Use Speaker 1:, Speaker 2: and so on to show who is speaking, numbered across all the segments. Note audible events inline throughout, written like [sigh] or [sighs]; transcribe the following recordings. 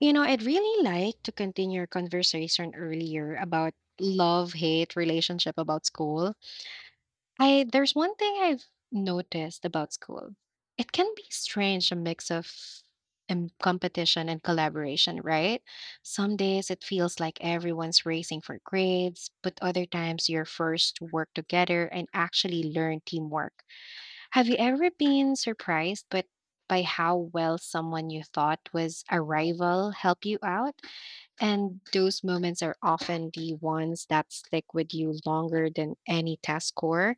Speaker 1: You know, I'd really like to continue our conversation earlier about love hate relationship about school. I There's one thing I've noticed about school. It can be strange a mix of competition and collaboration, right? Some days it feels like everyone's racing for grades, but other times you're forced to work together and actually learn teamwork. Have you ever been surprised but by how well someone you thought was a rival help you out? And those moments are often the ones that stick with you longer than any test score.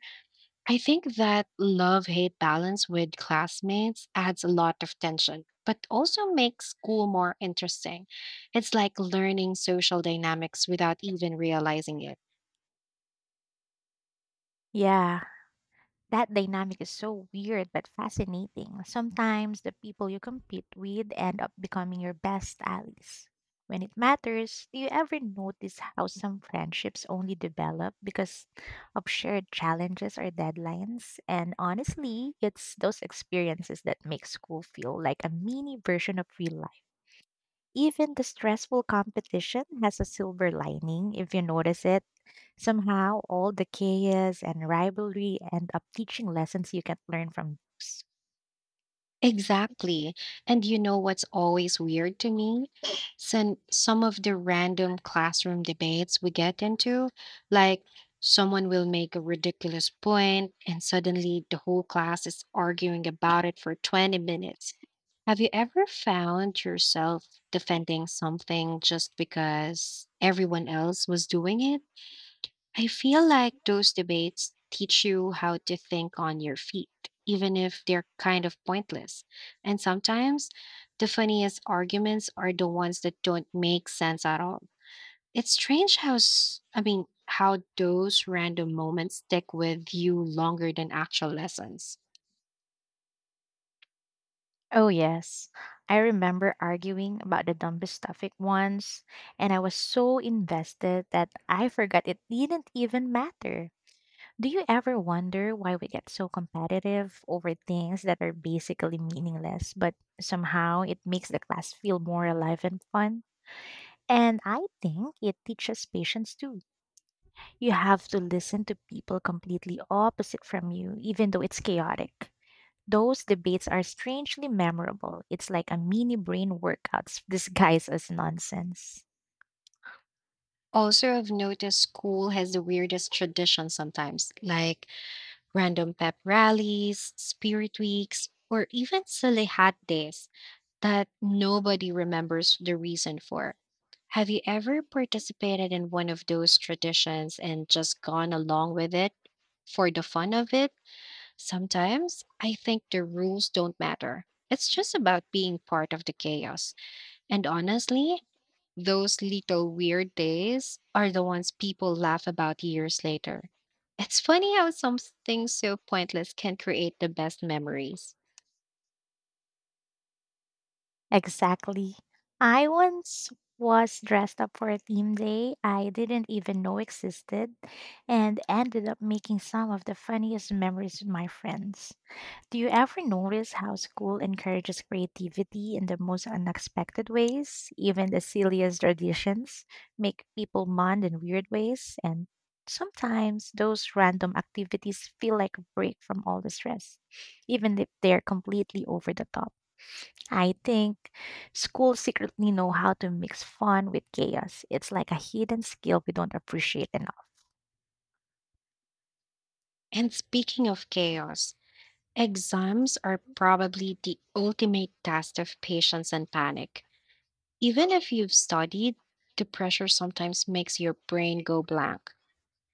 Speaker 1: I think that love hate balance with classmates adds a lot of tension, but also makes school more interesting. It's like learning social dynamics without even realizing it.
Speaker 2: Yeah, that dynamic is so weird but fascinating. Sometimes the people you compete with end up becoming your best allies. When it matters, do you ever notice how some friendships only develop because of shared challenges or deadlines? And honestly, it's those experiences that make school feel like a mini version of real life. Even the stressful competition has a silver lining if you notice it. Somehow, all the chaos and rivalry end up teaching lessons you can learn from those.
Speaker 1: Exactly. And you know what's always weird to me? Some of the random classroom debates we get into, like someone will make a ridiculous point and suddenly the whole class is arguing about it for 20 minutes. Have you ever found yourself defending something just because everyone else was doing it? I feel like those debates teach you how to think on your feet, even if they're kind of pointless. And sometimes the funniest arguments are the ones that don't make sense at all. It's strange how how those random moments stick with you longer than actual lessons.
Speaker 2: Oh, yes. I remember arguing about the dumbest topic once, and I was so invested that I forgot it didn't even matter. Do you ever wonder why we get so competitive over things that are basically meaningless, but somehow it makes the class feel more alive and fun? And I think it teaches patience too. You have to listen to people completely opposite from you, even though it's chaotic. Those debates are strangely memorable. It's like a mini brain workout disguised as nonsense.
Speaker 1: Also, I've noticed school has the weirdest traditions sometimes, like random pep rallies, spirit weeks, or even silly hat days that nobody remembers the reason for. Have you ever participated in one of those traditions and just gone along with it for the fun of it? Sometimes I think the rules don't matter. It's just about being part of the chaos. And honestly, those little weird days are the ones people laugh about years later. It's funny how something so pointless can create the best memories.
Speaker 2: Exactly. I once was dressed up for a theme day I didn't even know existed and ended up making some of the funniest memories with my friends. Do you ever notice how school encourages creativity in the most unexpected ways? Even the silliest traditions make people bond in weird ways, and sometimes those random activities feel like a break from all the stress, even if they're completely over the top. I think schools secretly know how to mix fun with chaos. It's like a hidden skill we don't appreciate enough.
Speaker 1: And speaking of chaos, exams are probably the ultimate test of patience and panic. Even if you've studied, the pressure sometimes makes your brain go blank.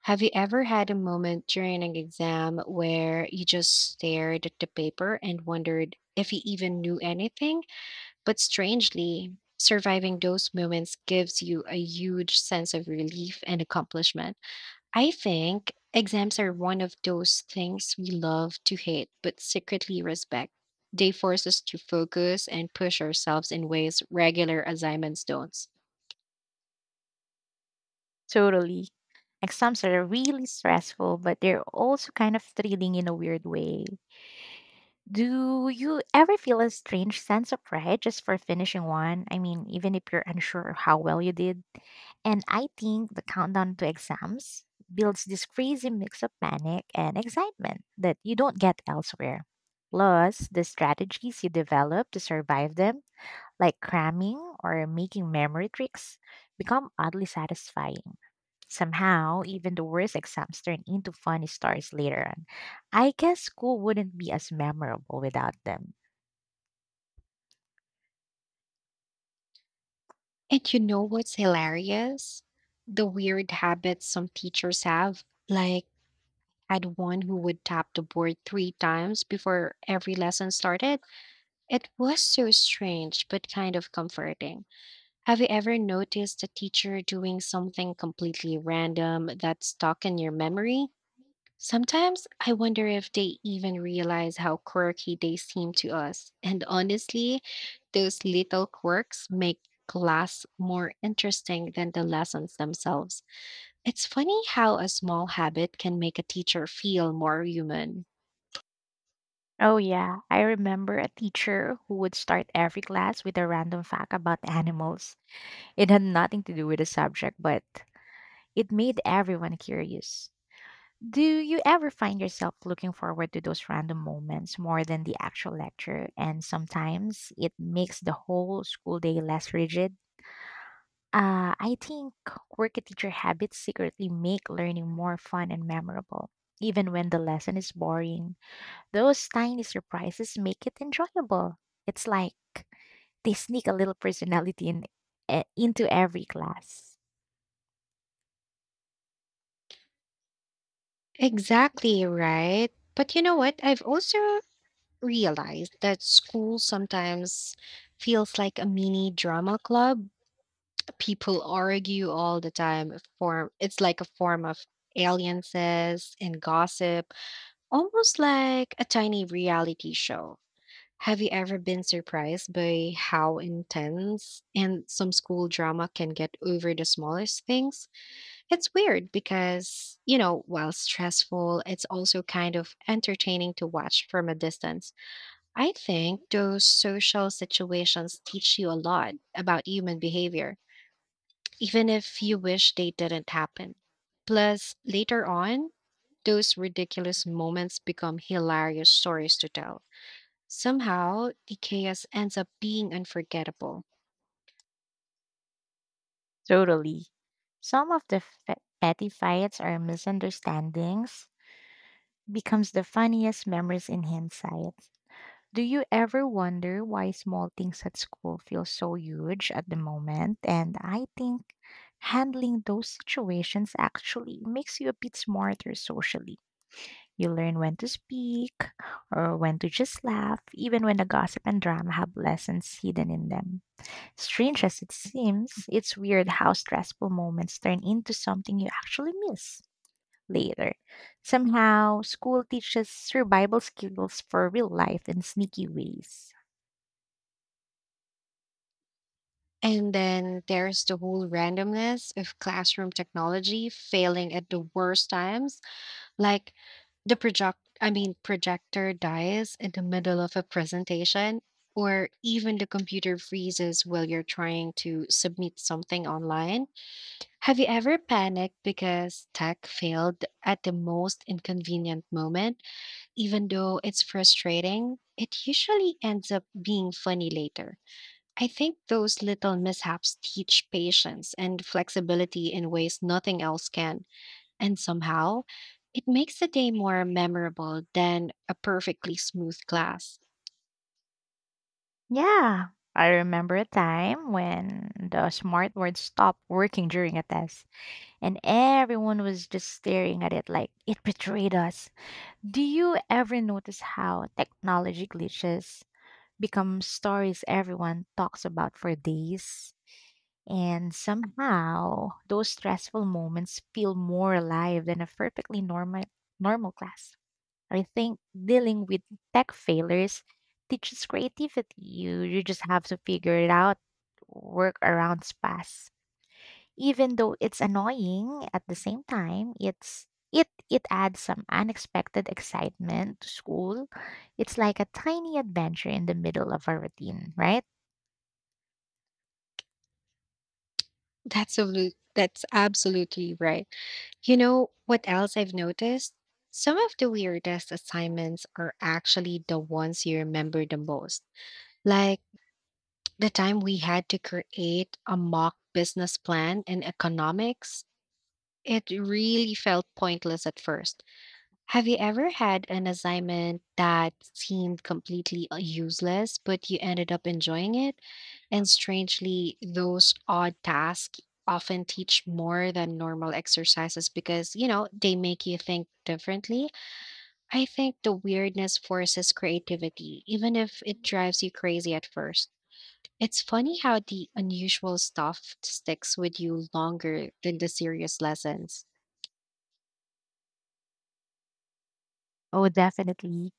Speaker 1: Have you ever had a moment during an exam where you just stared at the paper and wondered if you even knew anything? But strangely, surviving those moments gives you a huge sense of relief and accomplishment. I think exams are one of those things we love to hate but secretly respect. They force us to focus and push ourselves in ways regular assignments don't.
Speaker 2: Totally. Exams are really stressful, but they're also kind of thrilling in a weird way. Do you ever feel a strange sense of pride just for finishing one? I mean, even if you're unsure of how well you did. And I think the countdown to exams builds this crazy mix of panic and excitement that you don't get elsewhere. Plus, the strategies you develop to survive them like cramming or making memory tricks, become oddly satisfying. Somehow, even the worst exams turn into funny stories later on. I guess school wouldn't be as memorable without them.
Speaker 1: And you know what's hilarious? The weird habits some teachers have. Like, I had one who would tap the board three times before every lesson started. It was so strange, but kind of comforting. Have you ever noticed a teacher doing something completely random that's stuck in your memory? Sometimes I wonder if they even realize how quirky they seem to us. And honestly, those little quirks make class more interesting than the lessons themselves. It's funny how a small habit can make a teacher feel more human.
Speaker 2: Oh, yeah. I remember a teacher who would start every class with a random fact about [laughs] animals. It had nothing to do with the subject, but it made everyone curious. Do you ever find yourself looking forward to those random moments more than the actual lecture? And sometimes it makes the whole school day less rigid. I think work a teacher habits secretly make learning more fun and memorable. Even when the lesson is boring, those tiny surprises make it enjoyable. It's like they sneak a little personality in, into every class.
Speaker 1: Exactly right. But you know what? I've also realized that school sometimes feels like a mini drama club. People argue all the time. Form it's like a form of alliances and gossip, almost like a tiny reality show. Have you ever been surprised by how intense and some school drama can get over the smallest things? It's weird because, you know, while stressful, it's also kind of entertaining to watch from a distance. I think those social situations teach you a lot about human behavior, even if you wish they didn't happen. Plus, later on, those ridiculous moments become hilarious stories to tell. Somehow, the chaos ends up being unforgettable.
Speaker 2: Totally. Some of the petty fights are misunderstandings becomes the funniest memories in hindsight. Do you ever wonder why small things at school feel so huge at the moment? And I think handling those situations actually makes you a bit smarter socially. You learn when to speak or when to just laugh, even when the gossip and drama have lessons hidden in them. Strange as it seems, it's weird how stressful moments turn into something you actually miss later. Somehow, school teaches survival skills for real life in sneaky ways.
Speaker 1: And then there's the whole randomness of classroom technology failing at the worst times, like the projector dies in the middle of a presentation, or even the computer freezes while you're trying to submit something online. Have you ever panicked because tech failed at the most inconvenient moment? Even though it's frustrating, it usually ends up being funny later. I think those little mishaps teach patience and flexibility in ways nothing else can, and somehow, it makes the day more memorable than a perfectly smooth class.
Speaker 2: Yeah, I remember a time when the smart word stopped working during a test, and everyone was just staring at it like it betrayed us. Do you ever notice how technology glitches become stories everyone talks about for days? And somehow, those stressful moments feel more alive than a perfectly normal class. I think dealing with tech failures teaches creativity. You just have to figure it out, work around pass. Even though it's annoying at the same time, it adds some unexpected excitement to school. It's like a tiny adventure in the middle of a routine, right?
Speaker 1: That's absolutely right. You know what else I've noticed? Some of the weirdest assignments are actually the ones you remember the most. Like the time we had to create a mock business plan in economics, it really felt pointless at first. Have you ever had an assignment that seemed completely useless, but you ended up enjoying it? And strangely, those odd tasks often teach more than normal exercises because, you know, they make you think differently. I think the weirdness forces creativity, even if it drives you crazy at first. It's funny how the unusual stuff sticks with you longer than the serious lessons.
Speaker 2: Oh, definitely.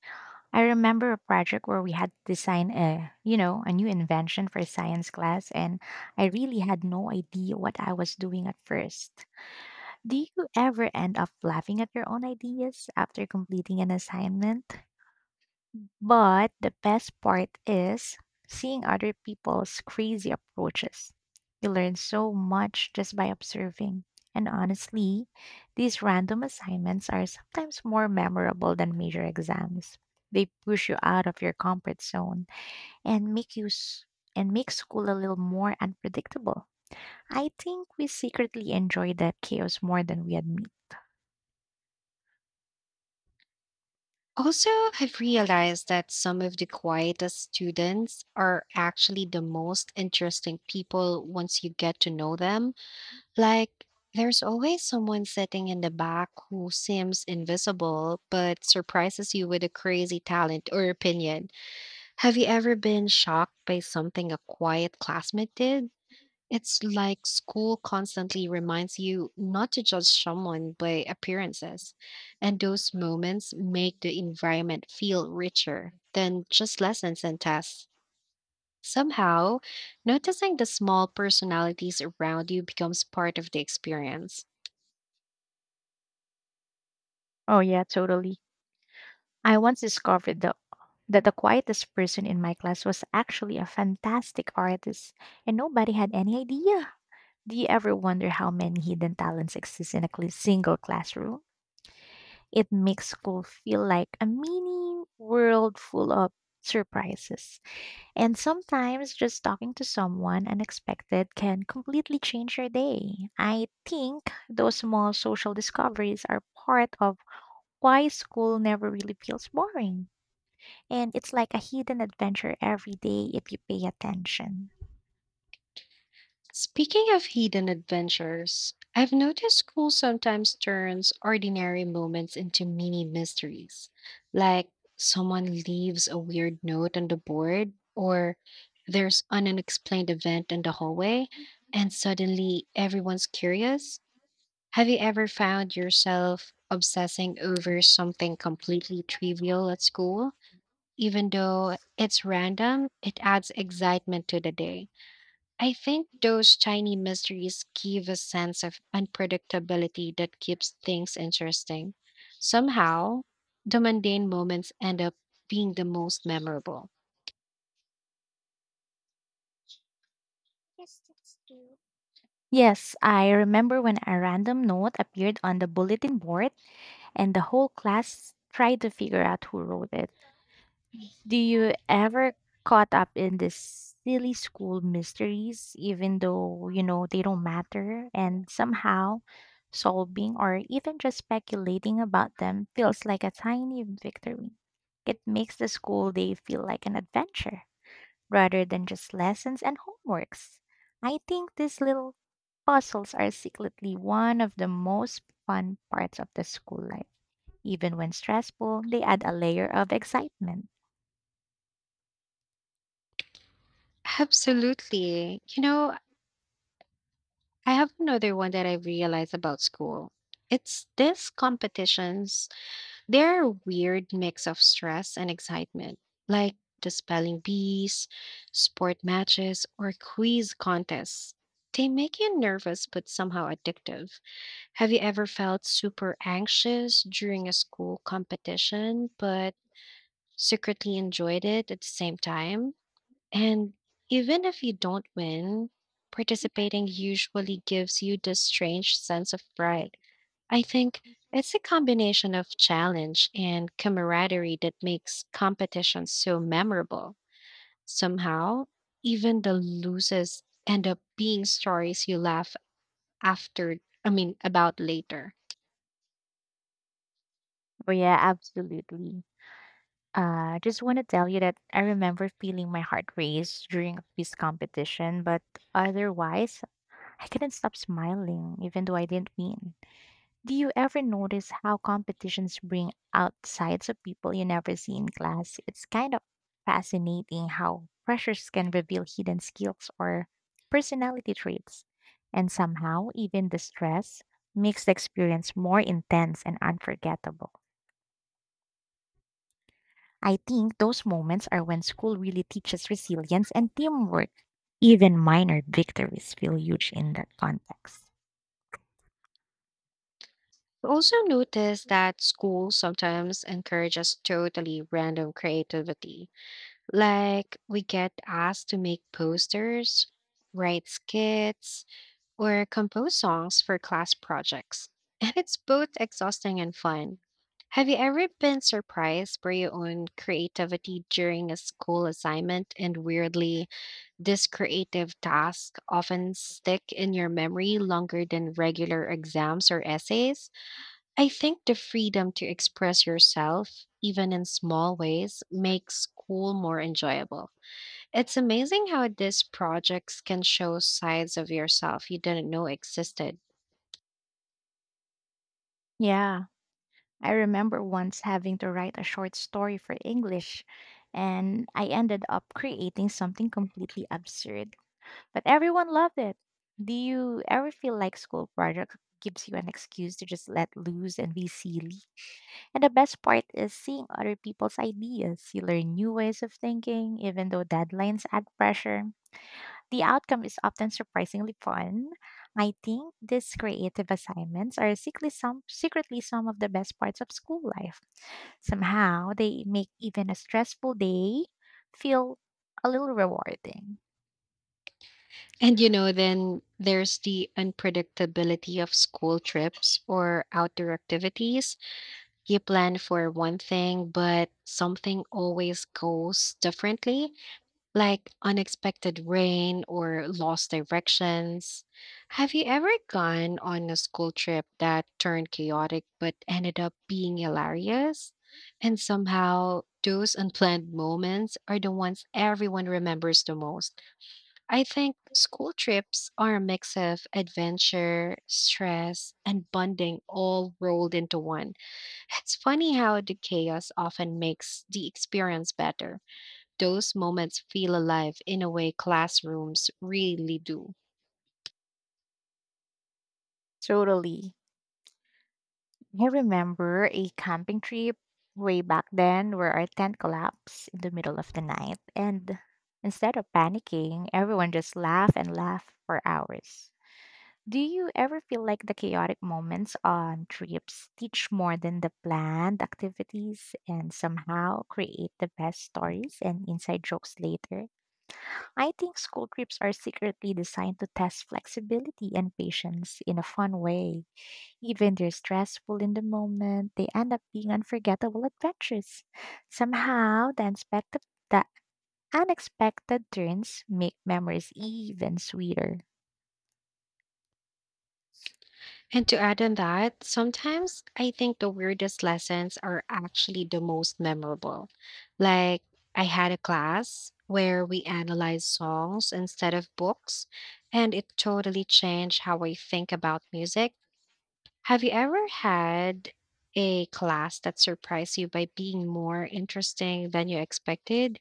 Speaker 2: I remember a project where we had to design a, you know, a new invention for science class and I really had no idea what I was doing at first. Do you ever end up laughing at your own ideas after completing an assignment? But the best part is seeing other people's crazy approaches. You learn so much just by observing. And honestly, these random assignments are sometimes more memorable than major exams. They push you out of your comfort zone and and make school a little more unpredictable. I think we secretly enjoy that chaos more than we admit.
Speaker 1: Also, I've realized that some of the quietest students are actually the most interesting people once you get to know them. Like, there's always someone sitting in the back who seems invisible but surprises you with a crazy talent or opinion. Have you ever been shocked by something a quiet classmate did? It's like school constantly reminds you not to judge someone by appearances. And those moments make the environment feel richer than just lessons and tests. Somehow, noticing the small personalities around you becomes part of the experience.
Speaker 2: Oh yeah, totally. I once discovered that the quietest person in my class was actually a fantastic artist, and nobody had any idea. Do you ever wonder how many hidden talents exist in a single classroom? It makes school feel like a mini world full of surprises. And sometimes just talking to someone unexpected can completely change your day. I think those small social discoveries are part of why school never really feels boring. And it's like a hidden adventure every day if you pay attention.
Speaker 1: Speaking of hidden adventures, I've noticed school sometimes turns ordinary moments into mini mysteries, like someone leaves a weird note on the board, or there's an unexplained event in the hallway, and suddenly everyone's curious. Have you ever found yourself obsessing over something completely trivial at school? Even though it's random, it adds excitement to the day. I think those tiny mysteries give a sense of unpredictability that keeps things interesting. Somehow, the mundane moments end up being the most memorable.
Speaker 2: Yes, that's true. Yes, I remember when a random note appeared on the bulletin board and the whole class tried to figure out who wrote it. Do you ever caught up in these silly school mysteries, even though, you know, they don't matter, and somehow solving or even just speculating about them feels like a tiny victory. It makes the school day feel like an adventure rather than just lessons and homeworks. I think these little puzzles are secretly one of the most fun parts of the school life. Even when stressful, they add a layer of excitement.
Speaker 1: Absolutely. You know, I have another one that I realized about school. It's these competitions. They're a weird mix of stress and excitement, like the spelling bees, sport matches, or quiz contests. They make you nervous but somehow addictive. Have you ever felt super anxious during a school competition but secretly enjoyed it at the same time? And even if you don't win, participating usually gives you this strange sense of pride. I think it's a combination of challenge and camaraderie that makes competitions so memorable. Somehow, even the losers end up being stories you laugh after, about later.
Speaker 2: Oh, yeah, absolutely. Just want to tell you that I remember feeling my heart race during a quiz competition, but otherwise, I couldn't stop smiling even though I didn't win. Do you ever notice how competitions bring out sides of people you never see in class? It's kind of fascinating how pressures can reveal hidden skills or personality traits. And somehow, even the stress makes the experience more intense and unforgettable. I think those moments are when school really teaches resilience and teamwork. Even minor victories feel huge in that context.
Speaker 1: I also notice that school sometimes encourages totally random creativity. Like, we get asked to make posters, write skits, or compose songs for class projects. And it's both exhausting and fun. Have you ever been surprised by your own creativity during a school assignment? And weirdly, this creative task often stick in your memory longer than regular exams or essays. I think the freedom to express yourself, even in small ways, makes school more enjoyable. It's amazing how these projects can show sides of yourself you didn't know existed.
Speaker 2: Yeah, I remember once having to write a short story for English, and I ended up creating something completely absurd. But everyone loved it. Do you ever feel like school project gives you an excuse to just let loose and be silly? And the best part is seeing other people's ideas. You learn new ways of thinking, even though deadlines add pressure. The outcome is often surprisingly fun. I think these creative assignments are secretly some of the best parts of school life. Somehow, they make even a stressful day feel a little rewarding.
Speaker 1: And you know, then there's the unpredictability of school trips or outdoor activities. You plan for one thing, but something always goes differently, like unexpected rain or lost directions. Have you ever gone on a school trip that turned chaotic but ended up being hilarious? And somehow, those unplanned moments are the ones everyone remembers the most. I think school trips are a mix of adventure, stress, and bonding all rolled into one. It's funny how the chaos often makes the experience better. Those moments feel alive in a way classrooms really do.
Speaker 2: Totally. I remember a camping trip way back then where our tent collapsed in the middle of the night, and instead of panicking, everyone just laughed and laughed for hours. Do you ever feel like the chaotic moments on trips teach more than the planned activities and somehow create the best stories and inside jokes later? I think school trips are secretly designed to test flexibility and patience in a fun way. Even they're stressful in the moment, they end up being unforgettable adventures. Somehow, the unexpected turns make memories even sweeter.
Speaker 1: And to add on that, sometimes I think the weirdest lessons are actually the most memorable. Like, I had a class where we analyzed songs instead of books, and it totally changed how I think about music. Have you ever had a class that surprised you by being more interesting than you expected?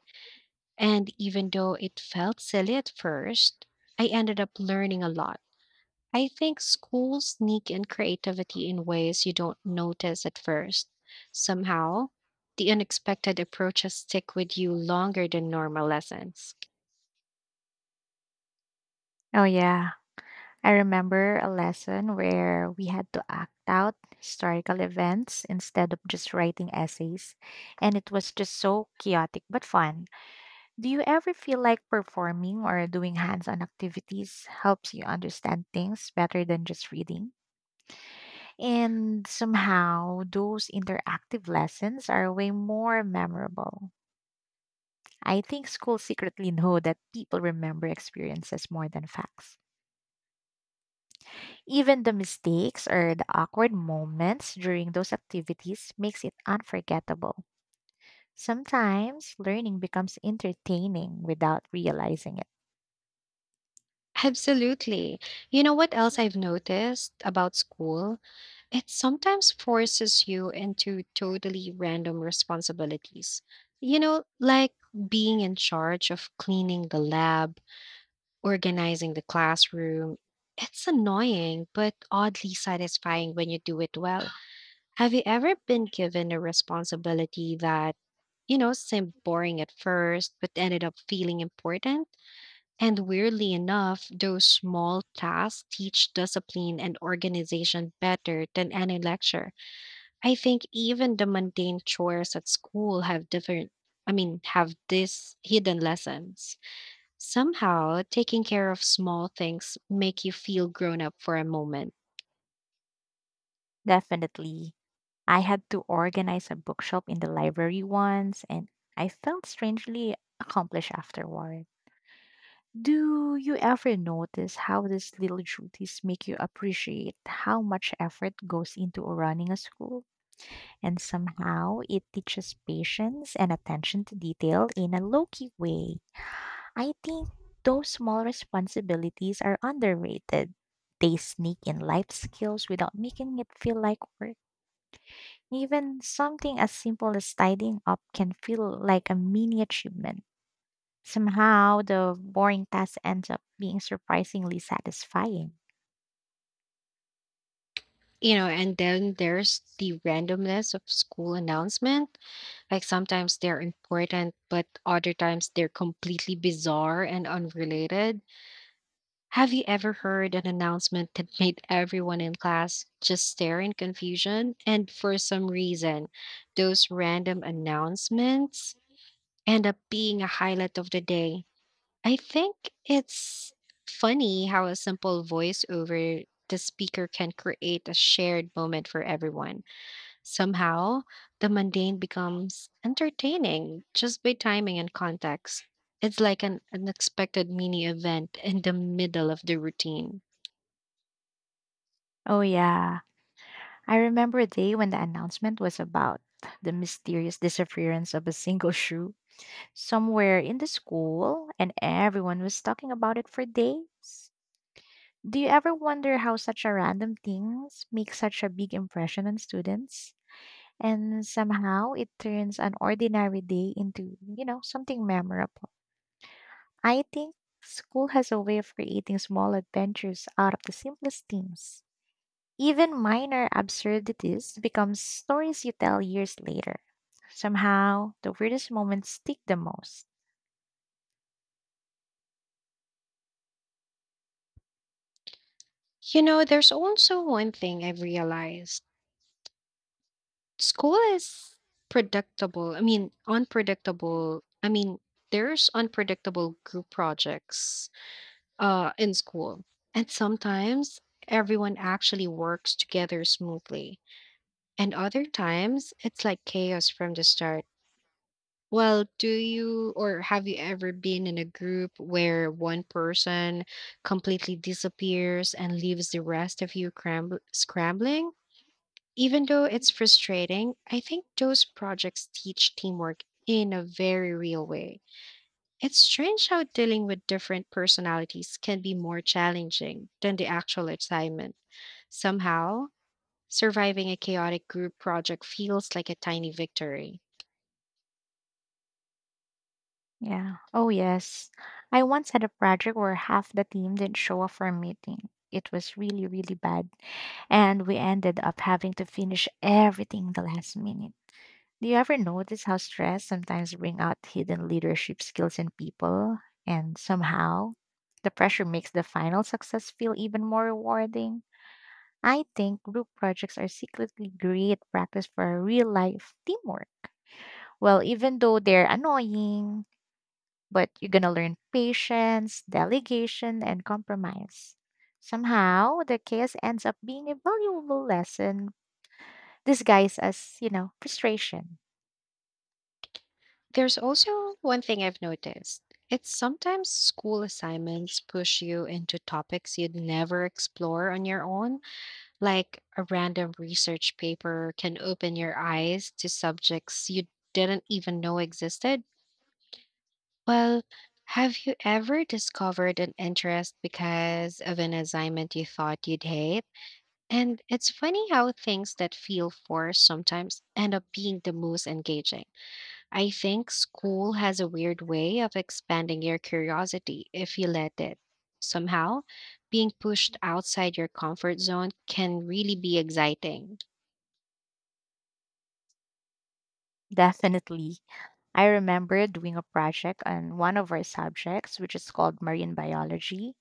Speaker 1: And even though it felt silly at first, I ended up learning a lot. I think schools sneak in creativity in ways you don't notice at first. Somehow, the unexpected approaches stick with you longer than normal lessons.
Speaker 2: Oh, yeah. I remember a lesson where we had to act out historical events instead of just writing essays, and it was just so chaotic but fun. Do you ever feel like performing or doing hands on activities helps you understand things better than just reading? And somehow, those interactive lessons are way more memorable. I think schools secretly [laughs] know that people remember experiences more than facts. Even the mistakes or the awkward moments during those activities makes it unforgettable. Sometimes learning becomes entertaining without realizing it.
Speaker 1: Absolutely. You know what else I've noticed about school? It sometimes forces you into totally random responsibilities. You know, like being in charge of cleaning the lab, organizing the classroom. It's annoying, but oddly satisfying when you do it well. [sighs] Have you ever been given a responsibility that, you know, seemed boring at first, but ended up feeling important? And weirdly enough, those small tasks teach discipline and organization better than any lecture. I think even the mundane chores at school have have these hidden lessons. Somehow, taking care of small things make you feel grown up for a moment.
Speaker 2: Definitely. I had to organize a bookshop in the library once, and I felt strangely accomplished afterward. Do you ever notice how these little duties make you appreciate how much effort goes into running a school? And somehow it teaches patience and attention to detail in a low key way. I think those small responsibilities are underrated. They sneak in life skills without making it feel like work. Even something as simple as tidying up can feel like a mini achievement. Somehow, the boring task ends up being surprisingly satisfying.
Speaker 1: You know, and then there's the randomness of school announcement. Like sometimes they're important, but other times they're completely bizarre and unrelated. Have you ever heard an announcement that [laughs] made everyone in class just stare in confusion? And for some reason, those random announcements end up being a highlight of the day. I think it's funny how a simple voice over the speaker can create a shared moment for everyone. Somehow, the mundane becomes entertaining just by timing and context. It's like an unexpected mini event in the middle of the routine.
Speaker 2: Oh, yeah. I remember a day when the announcement was about the mysterious disappearance of a single shoe somewhere in the school, and everyone was talking about it for days. Do you ever wonder how such a random things make such a big impression on students? And somehow it turns an ordinary day into, you know, something memorable. I think school has a way of creating small adventures out of the simplest things. Even minor absurdities become stories you tell years later. Somehow, the weirdest moments stick the most.
Speaker 1: You know, there's also one thing I've realized. School is unpredictable. There's unpredictable group projects in school. And sometimes everyone actually works together smoothly, and other times it's like chaos from the start. Well, do you or have you ever been in a group where one person completely disappears and leaves the rest of you scrambling? Even though it's frustrating, I think those projects teach teamwork in a very real way. It's strange how dealing with different personalities can be more challenging than the actual assignment. Somehow, surviving a chaotic group project feels like a tiny victory.
Speaker 2: Yeah. Oh, yes. I once had a project where half the team didn't show up for a meeting. It was really, really bad. And we ended up having to finish everything the last minute. Do you ever notice how stress sometimes bring out hidden leadership skills in people and somehow the pressure makes the final success feel even more rewarding? I think group projects are secretly great practice for real life teamwork. Well, even though they're annoying, but you're going to learn patience, delegation, and compromise. Somehow, the chaos ends up being a valuable lesson disguised as, you know, frustration.
Speaker 1: There's also one thing I've noticed. It's sometimes school assignments push you into topics you'd never explore on your own, like a random research paper can open your eyes to subjects you didn't even know existed. Well, have you ever discovered an interest because of an assignment you thought you'd hate? And it's funny how things that feel forced sometimes end up being the most engaging. I think school has a weird way of expanding your curiosity if you let it. Somehow, being pushed outside your comfort zone can really be exciting.
Speaker 2: Definitely. I remember doing a project on one of our subjects, which is called marine biology.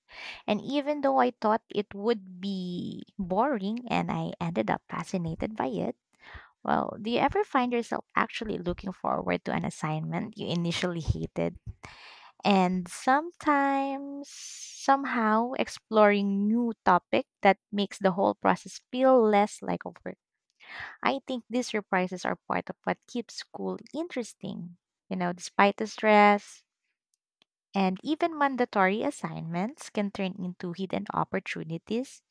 Speaker 2: And even though I thought it would be boring and I ended up fascinated by it, well, do you ever find yourself actually looking forward to an assignment you initially hated? And sometimes, somehow, exploring new topic that makes the whole process feel less like a work. I think these surprises are part of what keeps school interesting. You know, despite the stress and even mandatory assignments can turn into hidden opportunities.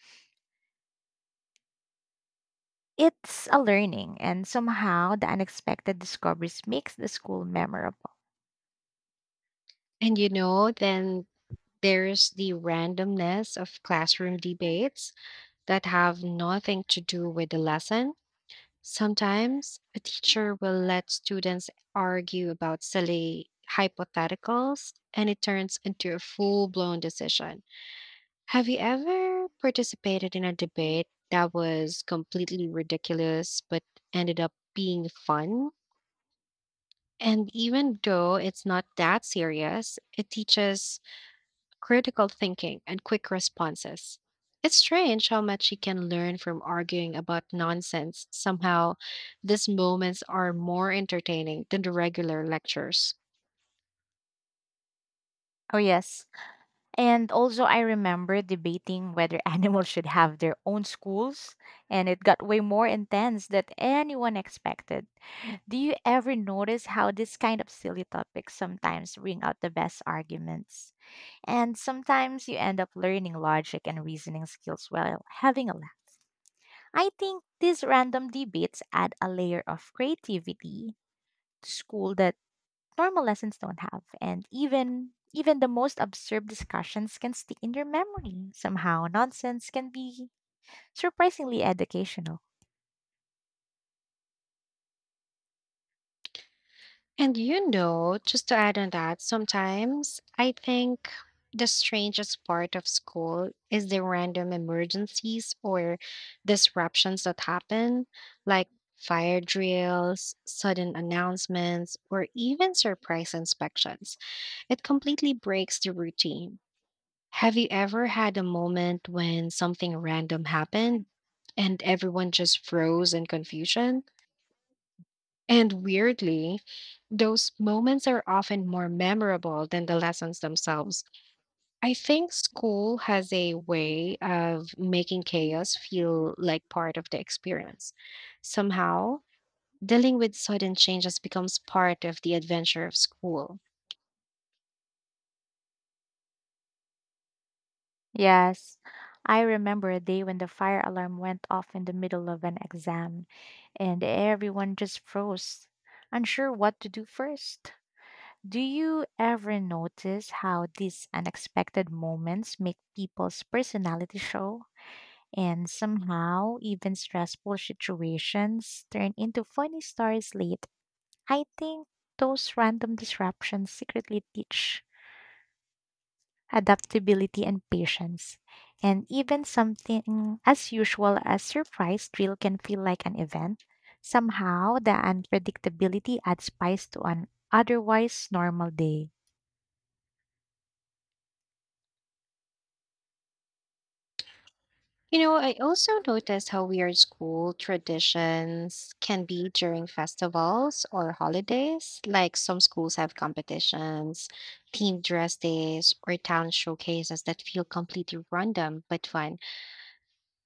Speaker 2: It's a learning, and somehow the unexpected discoveries makes the school memorable.
Speaker 1: And you know, then there's the randomness of classroom debates that have nothing to do with the lesson. Sometimes a teacher will let students argue about silly hypotheticals and it turns into a full blown decision. Have you ever participated in a debate that was completely ridiculous but ended up being fun? And even though it's not that serious, it teaches critical thinking and quick responses. It's strange how much you can learn from arguing about nonsense. Somehow, these moments are more entertaining than the regular lectures.
Speaker 2: Oh yes, and also I remember debating whether [laughs] animals should have their own schools, and it got way more intense than anyone expected. Do you ever notice how this kind of silly topics sometimes bring out the best arguments? And sometimes you end up learning logic and reasoning skills while having a laugh. I think these random debates add a layer of creativity to school that normal lessons don't have. And even the most absurd discussions can stick in your memory. Somehow nonsense can be surprisingly educational.
Speaker 1: And you know, just to add on that, sometimes I think the strangest part of school is the random emergencies or disruptions that happen, like fire drills, sudden announcements, or even surprise inspections. It completely breaks the routine. Have you ever had a moment when something random happened and everyone just froze in confusion? And weirdly, those moments are often more memorable than the lessons themselves. I think school has a way of making chaos feel like part of the experience. Somehow, dealing with sudden changes becomes part of the adventure of school.
Speaker 2: Yes, I remember a day when the fire alarm went off in the middle of an exam, and everyone just froze, unsure what to do first. Do you ever notice how these unexpected moments make people's personality show? And somehow, even stressful situations turn into funny stories late. I think those random disruptions secretly teach adaptability, and patience. And even something as usual as surprise drill can feel like an event. Somehow, the unpredictability adds spice to an otherwise normal day.
Speaker 1: You know, I also noticed how weird school traditions can be during festivals or holidays. Like some schools have competitions, themed dress days, or town showcases that feel completely random but fun.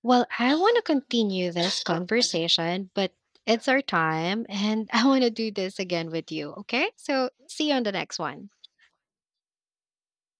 Speaker 1: Well, I want to continue this conversation, but it's our time and [laughs] I want to do this again with you. Okay. So see you on the next one.